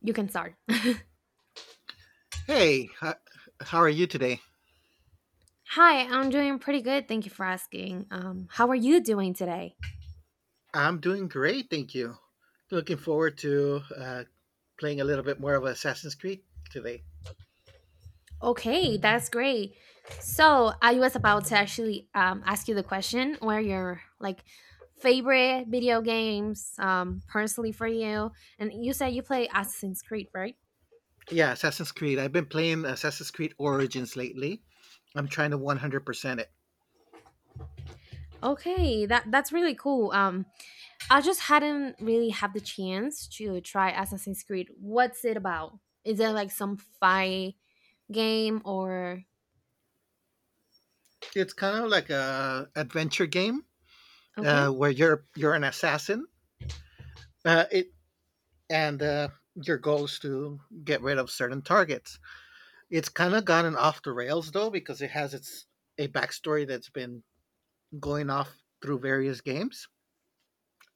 You can start. Hey, how are you today? Hi, I'm doing pretty good. Thank you for asking. How are you doing today? I'm doing great, thank you. Looking forward to playing a little bit more of Assassin's Creed today. Okay, that's great. So I was about to actually ask you the question where your like favorite video games personally for you, and you said you play Assassin's Creed, right? Yeah, Assassin's Creed. I've been playing Assassin's Creed Origins lately. I'm trying to 100% it. Okay, that's really cool. I just hadn't really had the chance to try Assassin's Creed. What's it about? Is it like some fight game or? It's kind of like a adventure game Okay, where you're an assassin it and your goal is to get rid of certain targets. It's kind of gotten off the rails though because it has its a backstory that's been going off through various games.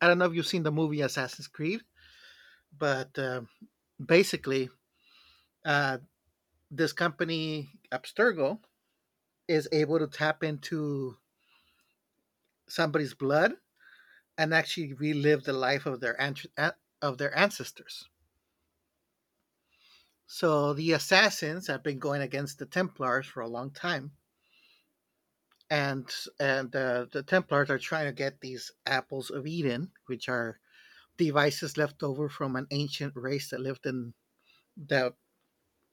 I don't know if you've seen the movie Assassin's Creed, but basically, uh, this company, Abstergo, is able to tap into somebody's blood and actually relive the life of of their ancestors. So the assassins have been going against the Templars for a long time, and the Templars are trying to get these apples of Eden, which are devices left over from an ancient race that lived in that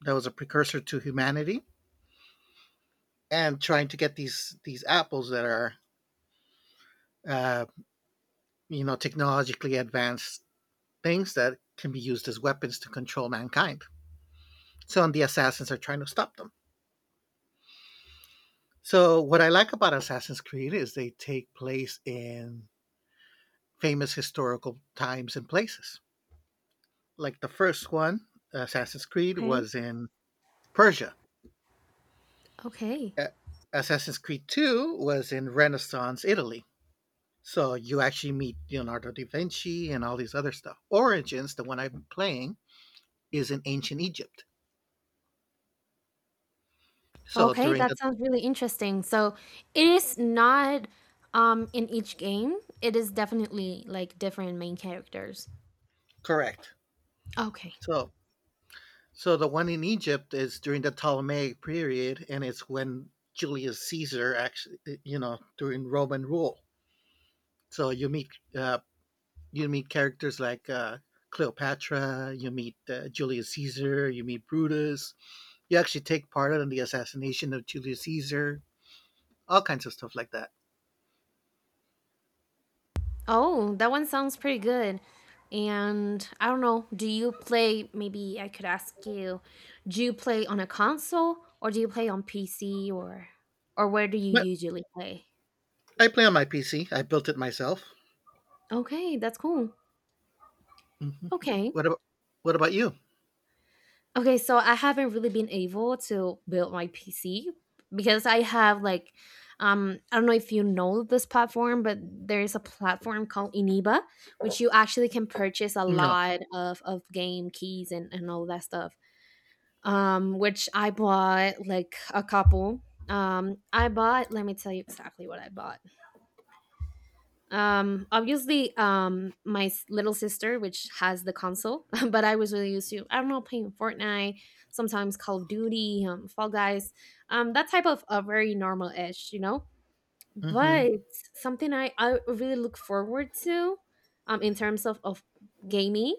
that was a precursor to humanity, and trying to get these apples that are uh, technologically advanced things that can be used as weapons to control mankind. So and the assassins are trying to stop them. So what I like about Assassin's Creed is they take place in famous historical times and places. Like the first one, Assassin's Creed, okay, was in Persia. okay. Assassin's Creed 2 was in Renaissance Italy. So you actually meet Leonardo da Vinci and all these other stuff. Origins, the one I'm playing, is in ancient Egypt. So Okay, during the. that sounds really interesting. So it is not in each game. It is definitely like different main characters. Correct. Okay. So so the one in Egypt is during the Ptolemaic period, and it's when Julius Caesar actually during Roman rule. So uh, you meet characters like Cleopatra, you meet Julius Caesar, you meet Brutus. You actually take part in the assassination of Julius Caesar, all kinds of stuff like that. Oh, that one sounds pretty good. And I don't know, do you play maybe I could ask you, do you play on a console or do you play on PC or where do you But usually play? I play on my PC. I built it myself. Okay, that's cool. Hmm. Okay. What about What about you? Okay, so I haven't really been able to build my PC because I have like I don't know if you know this platform, but there is a platform called Iniba, which you actually can purchase a No. lot of game keys and all that stuff. Which I bought like a couple. Um, I bought, let me tell you exactly what I bought. Obviously, my s- little sister, which has the console, but I was really used to, I don't know, playing Fortnite, sometimes Call of Duty, Fall Guys, that type of a very normal ish, you know. Hmm. But something I really look forward to, in terms of gaming,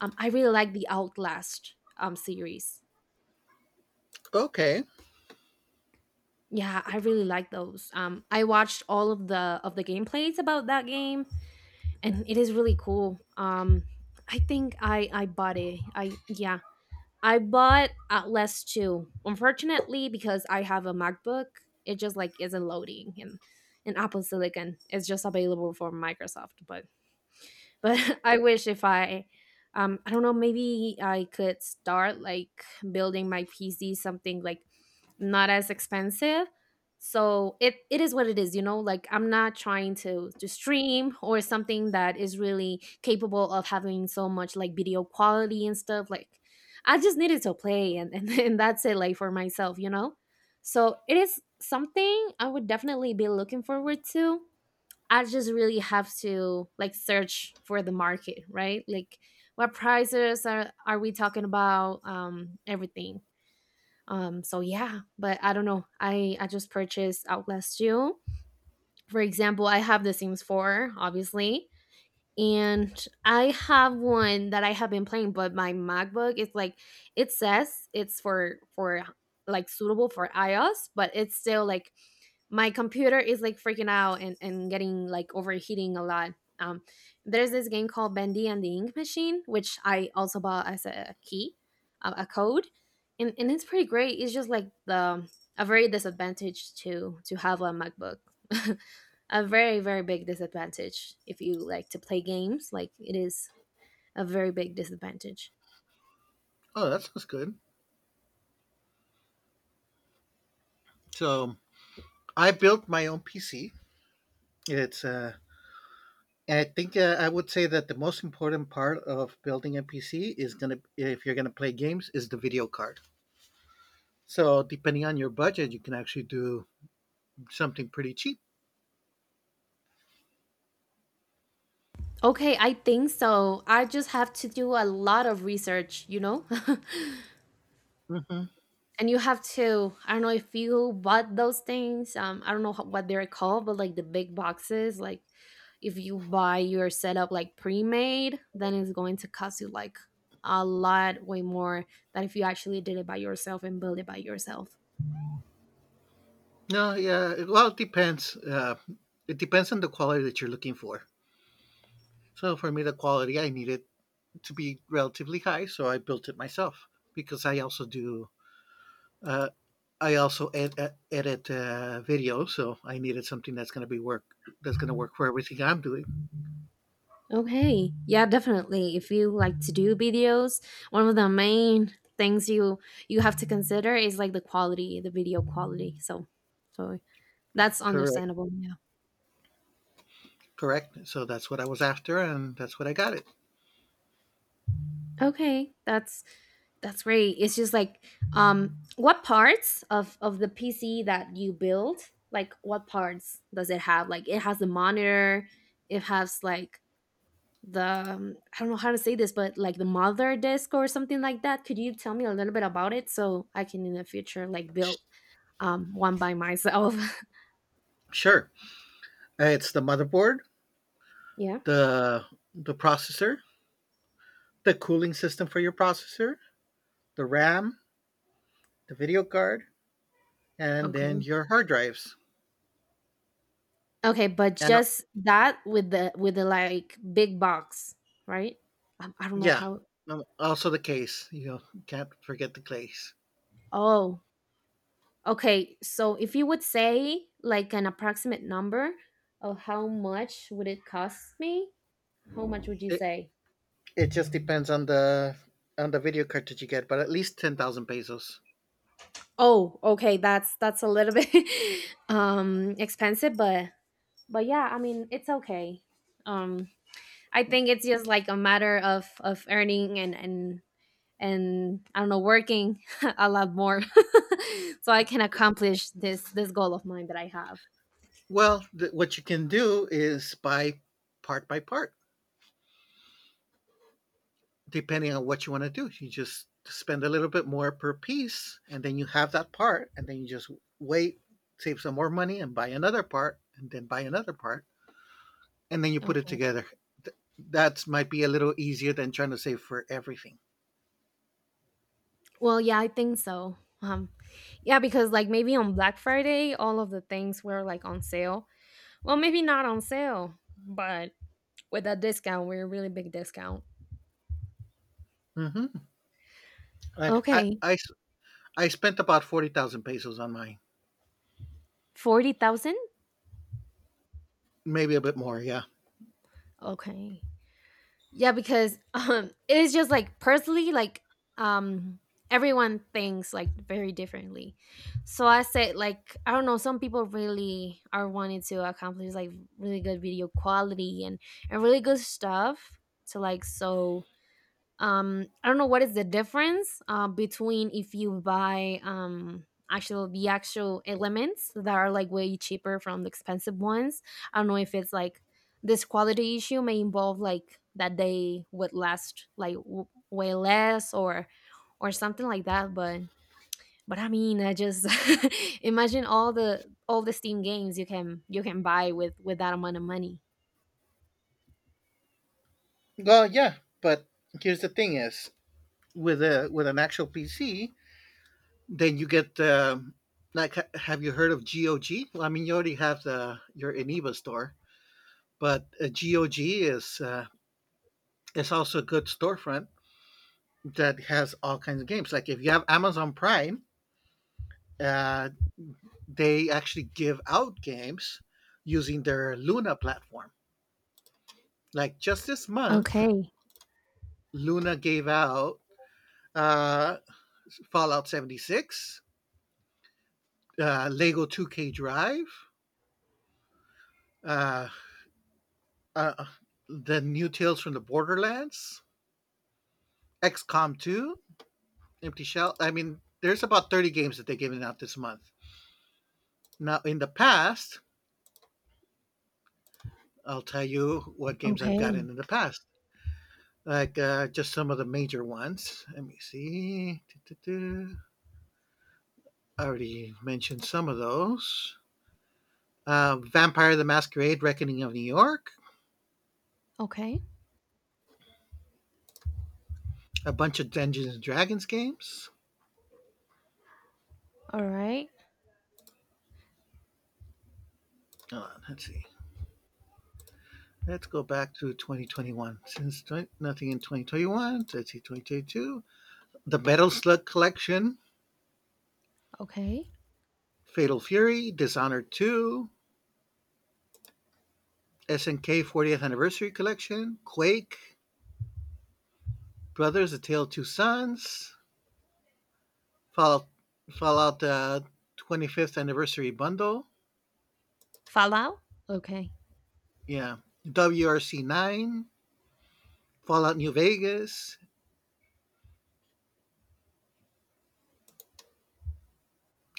I really like the Outlast series. Okay. Yeah, I really like those. I watched all of the gameplays about that game and it is really cool. I think I bought it. I Yeah, I bought Atlas 2. Unfortunately, because I have a MacBook, it just like isn't loading and Apple Silicon is just available for Microsoft. But I wish. If i um i don't know, maybe I could start like building my PC, something like not as expensive. So it is what it is, you know. Like I'm not trying to stream or something that is really capable of having so much like video quality and stuff like. I just needed to play and that's it, like for myself, you know. So it is something I would definitely be looking forward to. I just really have to like search for the market, right? Like what prices are we talking about? Everything. So yeah, but I don't know. I just purchased out last June. For example, I have The Sims 4, obviously, and I have one that I have been playing, but my MacBook is like it says it's for like suitable for iOS, but it's still like my computer is like freaking out and getting like overheating a lot. Um, there's this game called Bendy and the Ink Machine, which I also bought as a key, a code, and it's pretty great. It's just like the a very disadvantage to have a MacBook, a very big disadvantage if you like to play games. Like it is a very big disadvantage. Oh, that sounds good. So I built my own PC. It's and I think I would say that the most important part of building a PC if you're gonna play games, is the video card. So depending on your budget, you can actually do something pretty cheap. Okay, I think so. I just have to do a lot of research, you know. Hmm. And you have to, I don't know if you bought those things, I don't know ho- what they're called, but like the big boxes. Like if you buy your setup like pre-made, then it's going to cost you like a lot way more than if you actually did it by yourself and build it by yourself. No, yeah. Well, it depends. It depends on the quality that you're looking for. So for me, the quality I needed to be relatively high, so I built it myself because I also do. Uh, I also edit video, so I needed something that's going to be work that's going to work for everything I'm doing. Okay, yeah, definitely. If you like to do videos, one of the main things you you have to consider is like the quality, the video quality, so so that's Correct, understandable, yeah. correct. So that's what I was after, and that's what I got it. Okay, that's great. It's just like what parts of the PC that you build, like what parts does it have? Like it has the monitor, it has like the I don't know how to say this, but like the mother disk or something like that. Could you tell me a little bit about it so I can in the future like build Sh- one by myself? Sure. It's the motherboard, Yeah. the the processor, the cooling system for your processor, the RAM, the video card, and then Okay. your hard drives, Okay, but and just that with the like big box, right? I don't know yeah, how. Also the case. You know, can't forget the case. Oh. Okay, so if you would say like an approximate number of how much would it cost me, how much would you say? It just depends on the video card that you get, but at least 10,000 pesos. Oh, okay, that's a little bit expensive, but yeah, I mean, it's okay. Um, I think it's just like a matter of earning and I don't know, working a lot more so I can accomplish this this goal of mine that I have. Well, what you can do is buy part by part, depending on what you want to do. You just spend a little bit more per piece, and then you have that part, and then you just wait, save some more money, and buy another part, and then buy another part, and then you put it together. Th- That might be a little easier than trying to save for everything. Well, yeah, I think so. Um, yeah, because like maybe on Black Friday, all of the things were like on sale. Well, maybe not on sale, but with a discount, we're a really big discount. Hmm. Like Okay, I spent about 40,000 pesos on mine, 40,000. maybe a bit more. Yeah. Okay, yeah, because it is just like personally, like um, everyone thinks like very differently. So I said, like I don't know, some people really are wanting to accomplish like really good video quality and really good stuff to like so I don't know what is the difference between if you buy actual the actual elements that are like way cheaper from the expensive ones. I don't know if it's like this quality issue may involve like that they would last like w- way less or something like that. But I mean, I just imagine all the Steam games you can buy with that amount of money. Well, yeah, but here's the thing: is with a with an actual PC, then you get like have you heard of GOG? Well, I mean, you already have the your Eniva store, but GOG is also a good storefront that has all kinds of games. Like if you have Amazon Prime, uh, they actually give out games using their Luna platform. Like just this month, Okay, Luna gave out uh, Fallout 76, Lego 2K Drive, uh, uh, the new Tales from the Borderlands, XCOM 2, Empty Shell. I mean, there's about 30 games that they're giving out this month. Now, in the past, I'll tell you what games I've okay, gotten in the past. Like just some of the major ones. Let me see. I already mentioned some of those. Vampire the Masquerade: Reckoning of New York. okay, A bunch of Dungeons and Dragons games. all right, Hold on, let's see. Let's go back to 2021. Since 20, nothing in 2021, let's see 2022. The Metal Slug Collection, okay. Fatal Fury, Dishonored 2, SNK 40th Anniversary Collection, Quake, Brothers: A Tale of Two Sons, Fallout Fallout 25th Anniversary Bundle. Fallout? Okay. Yeah, WRC 9, Fallout New Vegas.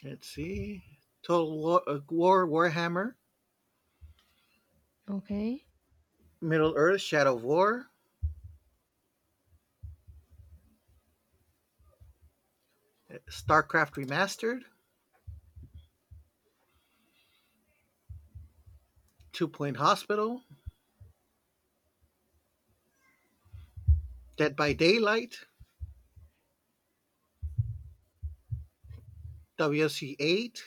Let's see, Total War, Warhammer, Okay. Middle Earth: Shadow of War, StarCraft Remastered, Two Point Hospital, Dead by Daylight, WSC 8,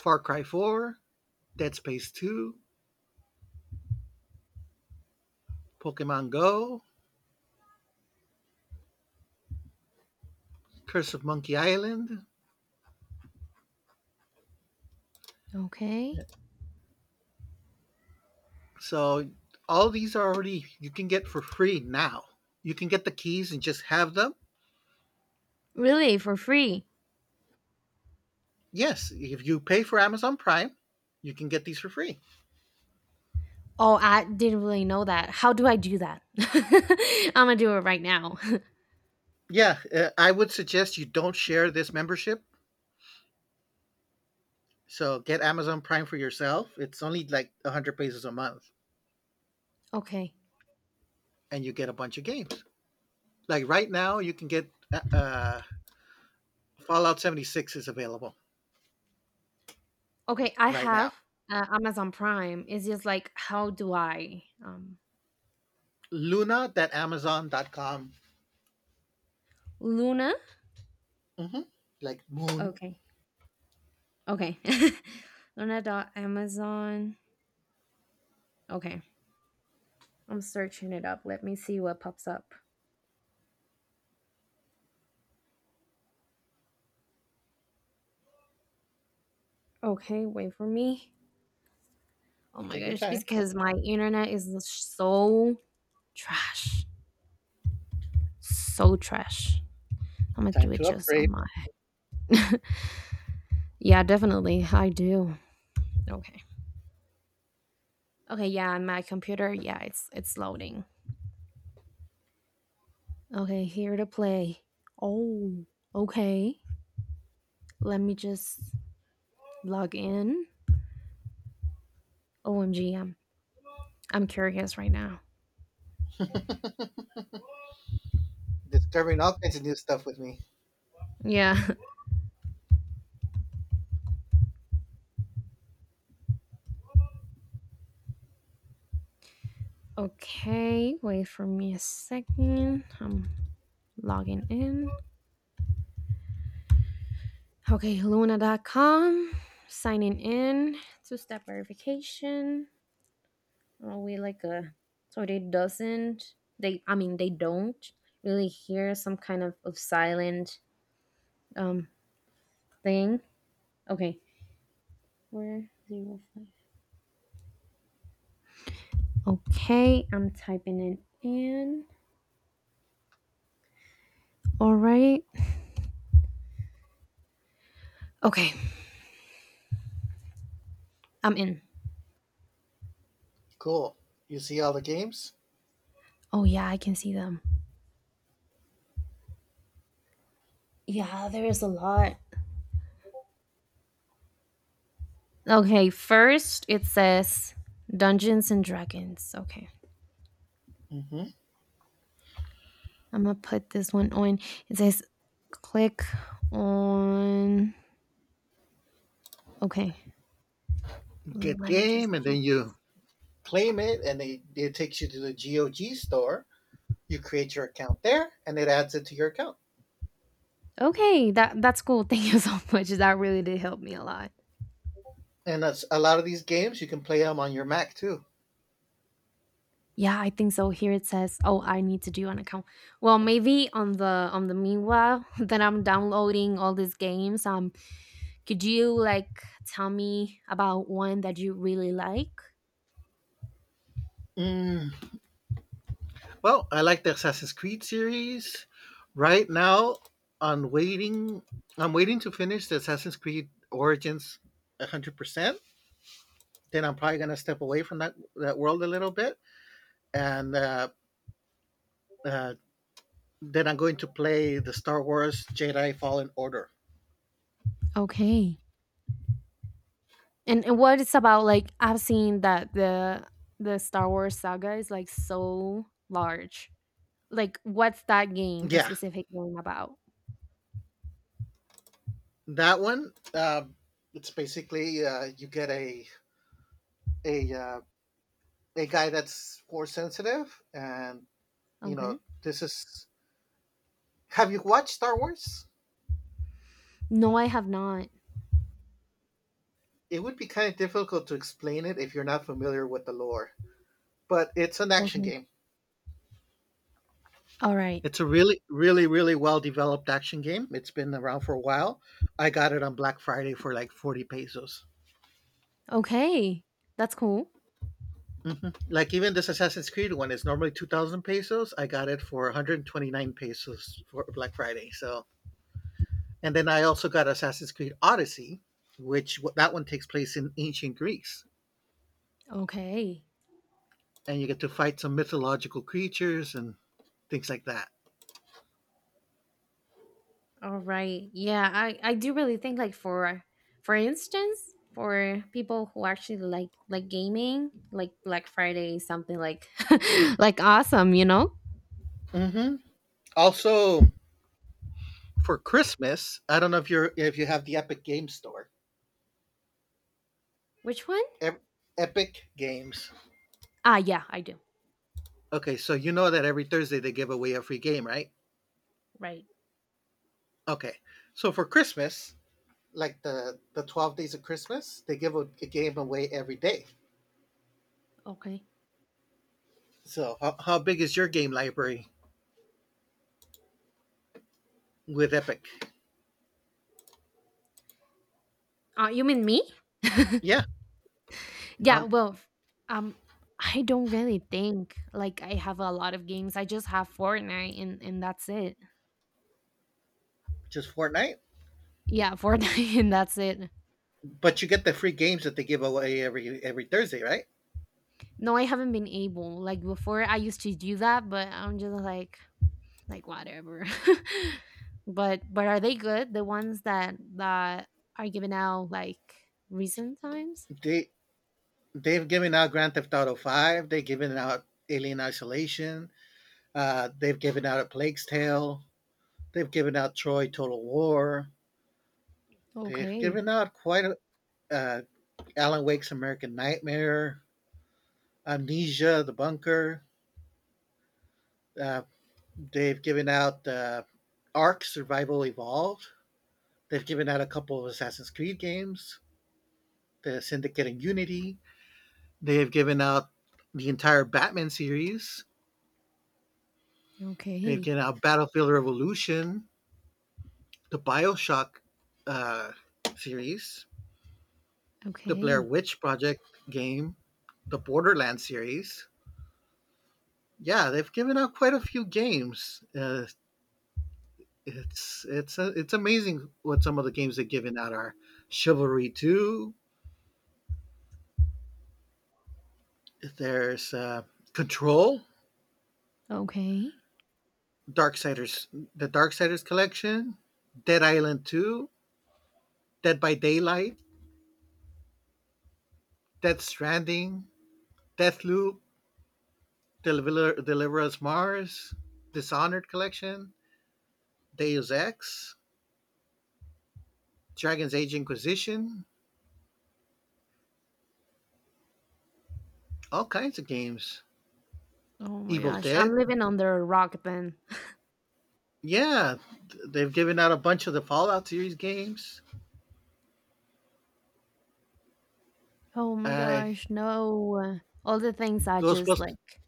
Far Cry 4, Dead Space 2, Pokemon Go, Curse of Monkey Island. Okay. So all these are already you can get for free now. You can get the keys and just have them. Really? For free? Yes, if you pay for Amazon Prime, you can get these for free. Oh, I didn't really know that. How do I do that? I'm gonna do it right now. Yeah, I would suggest you don't share this membership. So get Amazon Prime for yourself. It's only like 100 pesos a month Okay. and you get a bunch of games. Like right now, you can get Fallout 76 is available Okay, I right now. have Amazon Prime. It's just like, how do I? Luna that Amazon.com. Luna? Mm-hmm. Like Moon. Okay. Okay. Luna dot Amazon. Okay. I'm searching it up. Let me see what pops up. Okay, wait for me. Oh my Take your gosh, time. because my internet is so trash. So trash. I'm gonna do Time it to just upgrade. on my. Yeah, definitely. I do. Okay. Okay. Yeah, on my computer. Yeah, it's loading. Okay, here to play. Oh, okay. Let me just log in. OMG, I'm curious right now. Discovering all kinds of new stuff with me. Yeah. Okay. Wait for me a second. I'm logging in. Okay, Luna.com. Signing in. Two step verification. Are we like a so they doesn't they I mean they don't really hear some kind of silent um thing. Okay. Where 05. Okay, I'm typing it in. Alright. Okay, I'm in. Cool. You see all the games. Oh yeah, I can see them. Yeah, there is a lot. Okay, first it says Dungeons and Dragons. Okay. Mm-hmm. I'm gonna put this one on. It says click on okay. Well, Get let me game, just and do. then you claim it, and it takes you to the GOG store. You create your account there, and it adds it to your account. Okay, that that's cool. Thank you so much. That really did help me a lot. And that's a lot of these games. You can play them on your Mac too. Yeah, I think so. Here it says, "Oh, I need to do an account." Well, maybe on the meanwhile that I'm downloading all these games, could you like tell me about one that you really like? Mm. Well, I like the Assassin's Creed series. Right now, I'm waiting. I'm waiting to finish the Assassin's Creed Origins 100%. Then I'm probably going to step away from that world a little bit. And uh, then I'm going to play the Star Wars Jedi Fallen Order. Okay, and what it's about? Like I've seen that the Star Wars saga is like so large. Like, what's that game? A Yeah, specific game about? that one. It's basically you get a uh, a guy that's force sensitive, and you know Okay. this is. Have you watched Star Wars? No, I have not. It would be kind of difficult to explain it if you're not familiar with the lore, but it's an action Okay. game. Alright. It's a really, really, really well developed action game. It's been around for a while. I got it on Black Friday for like 40 pesos. Okay. That's cool. Like even this Assassin's Creed one is normally 2,000 pesos. I got it for 129 pesos for Black Friday. So, and then I also got Assassin's Creed Odyssey, which that one takes place in ancient Greece, Okay. and you get to fight some mythological creatures and things like that. Alright. Yeah, I do really think like for instance, for people who actually like gaming, like Black Friday is something like like awesome, you know? Hmm. Also, for Christmas. I don't know if you're if you have the Epic Game Store. Which one? Ep- Epic Games. Ah, yeah, I do. Okay, so you know that every Thursday they give away a free game, right? Right. Okay, so for Christmas, like the 12 days of Christmas, they give a game away every day. Okay. So how big is your game library with Epic? You mean me? Yeah, Yeah, um, well, um, I don't really think like I have a lot of games. I just have Fortnite and that's it. just Fortnite, Yeah, Fortnite and that's it. but you get the free games that they give away every Thursday, right? No, I haven't been able. Like before, I used to do that, but I'm just like whatever. But are they good? The ones that that are given out like recent times? They they've given out Grand Theft Auto Five. They've given out Alien Isolation. They've given out a Plague's Tale. They've given out Troy Total War. They've Okay, given out quite a uh, Alan Wake's American Nightmare, Amnesia, The Bunker. Uh, they've given out Ark Survival Evolved. They've given out a couple of Assassin's Creed games, the Syndicate and Unity. They've given out the entire Batman series. They've okay, given out Battlefield Revolution, the Bioshock uh, series, the Blair okay, Witch Project game, the Borderlands series. Yeah, they've given out quite a few games. It's amazing what some of the games they've given out are. Chivalry Two. There's Control, okay. Darksiders, the Darksiders collection, Dead Island Two, Dead by Daylight, Death Stranding, Deathloop, Deliver Us Mars, Dishonored collection, Deus Ex, Dragon's Age Inquisition, all kinds of games. Oh my Evil gosh, I'm Dead. living under a rock then. Yeah, they've given out a bunch of the Fallout series games. Oh my Uh, gosh, no. All the things I just Ghostbusters, like.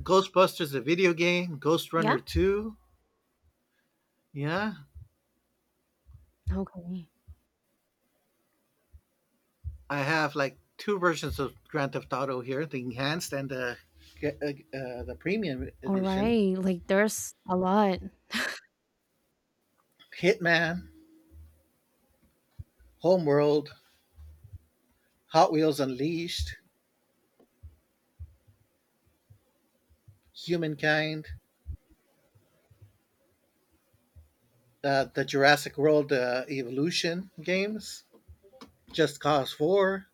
Ghostbusters, the video game, Ghost Runner Yeah. Two. Yeah, Okay. I have like two versions of Grand Theft Auto here: the enhanced and the premium All edition. right. Like there's a lot. Hitman, Homeworld, Hot Wheels Unleashed, Humankind, the Jurassic World Evolution games, Just Cause Four.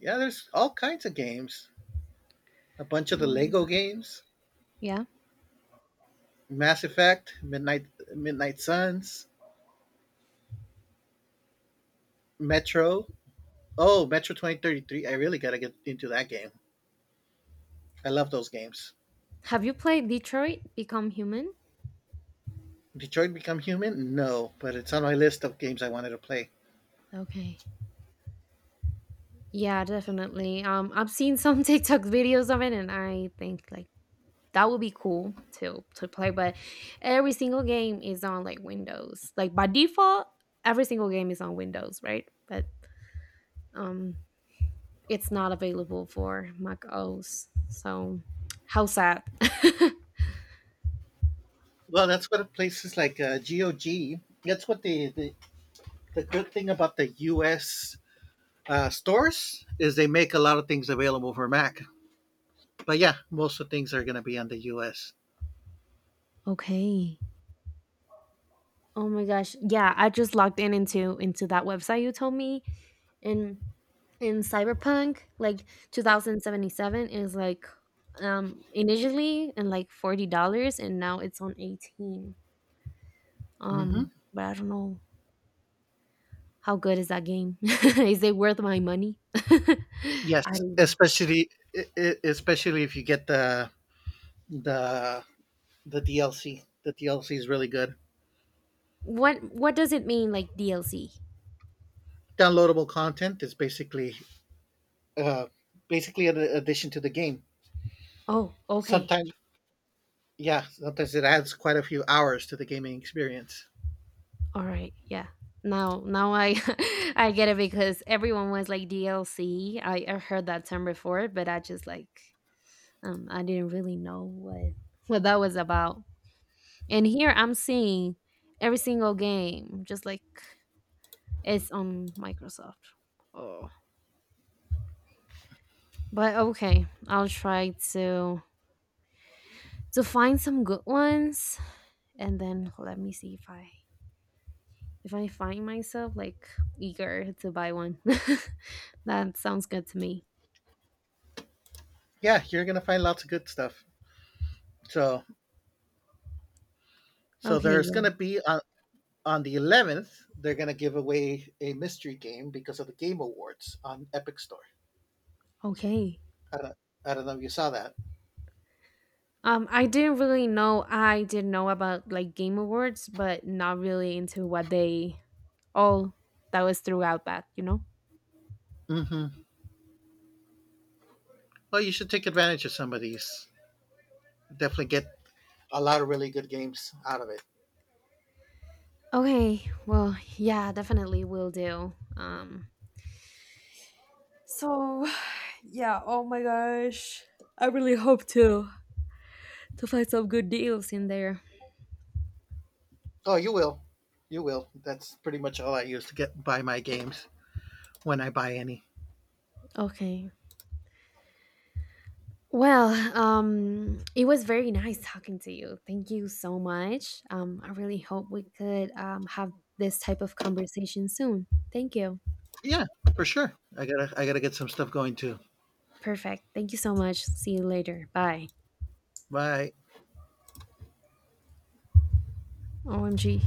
Yeah, there's all kinds of games. A bunch of the Oh my Lego god. games, Yeah. Mass Effect, Midnight Suns, Metro. Oh, Metro 2033. I really got to get into that game. I love those games. Have you played Detroit Become Human? Detroit Become Human? No, but it's on my list of games I wanted to play. Okay. Yeah, definitely. I've seen some TikTok videos of it, and I think like that would be cool to play. But every single game is on like Windows. Like by default, every single game is on Windows, right? But um, it's not available for Mac OS. So how sad. Well, that's what places like GOG, that's what the good thing about the US stores is: they make a lot of things available for Mac. But yeah, most of the things are going to be on the US. Okay. Oh my gosh. Yeah, I just logged in into that website you told me and in Cyberpunk like 2077 is like initially and like $40 and now it's on 18. Hmm. But I don't know how good is that game? Is it worth my money? Yes, I don't know. especially especially if you get the the DLC. The DLC is really good. What does it mean like DLC? Downloadable content is uh, basically an addition to the game. Oh, okay. Sometimes, yeah, sometimes it adds quite a few hours to the gaming experience. All right. Yeah. Now, now I I get it because everyone was like DLC. I heard that term before, but I just like I didn't really know what that was about. And here I'm seeing every single game just like it's on Microsoft. Oh. But okay, I'll try to find some good ones and then let me see if I find myself like eager to buy one. That sounds good to me. Yeah, you're gonna find lots of good stuff. So, so Okay, there's gonna yeah. be on the 11th, they're gonna give away a mystery game because of the Game Awards on Epic Store. Okay. I don't, I don't know if you saw that. I didn't really know. I did know about like Game Awards, but not really into what they all that was throughout that, you know? Hmm. Well, you should take advantage of some of these. Definitely get a lot of really good games out of it. Okay. Well, yeah, definitely will do. So yeah, oh my gosh. I really hope to find some good deals in there. Oh, you will. You will. That's pretty much all I use to get buy my games when I buy any. Okay. Well, it was very nice talking to you. Thank you so much. I really hope we could have this type of conversation soon. Thank you. Yeah, for sure. I gotta get some stuff going too. Perfect. Thank you so much. See you later. Bye. Bye. OMG.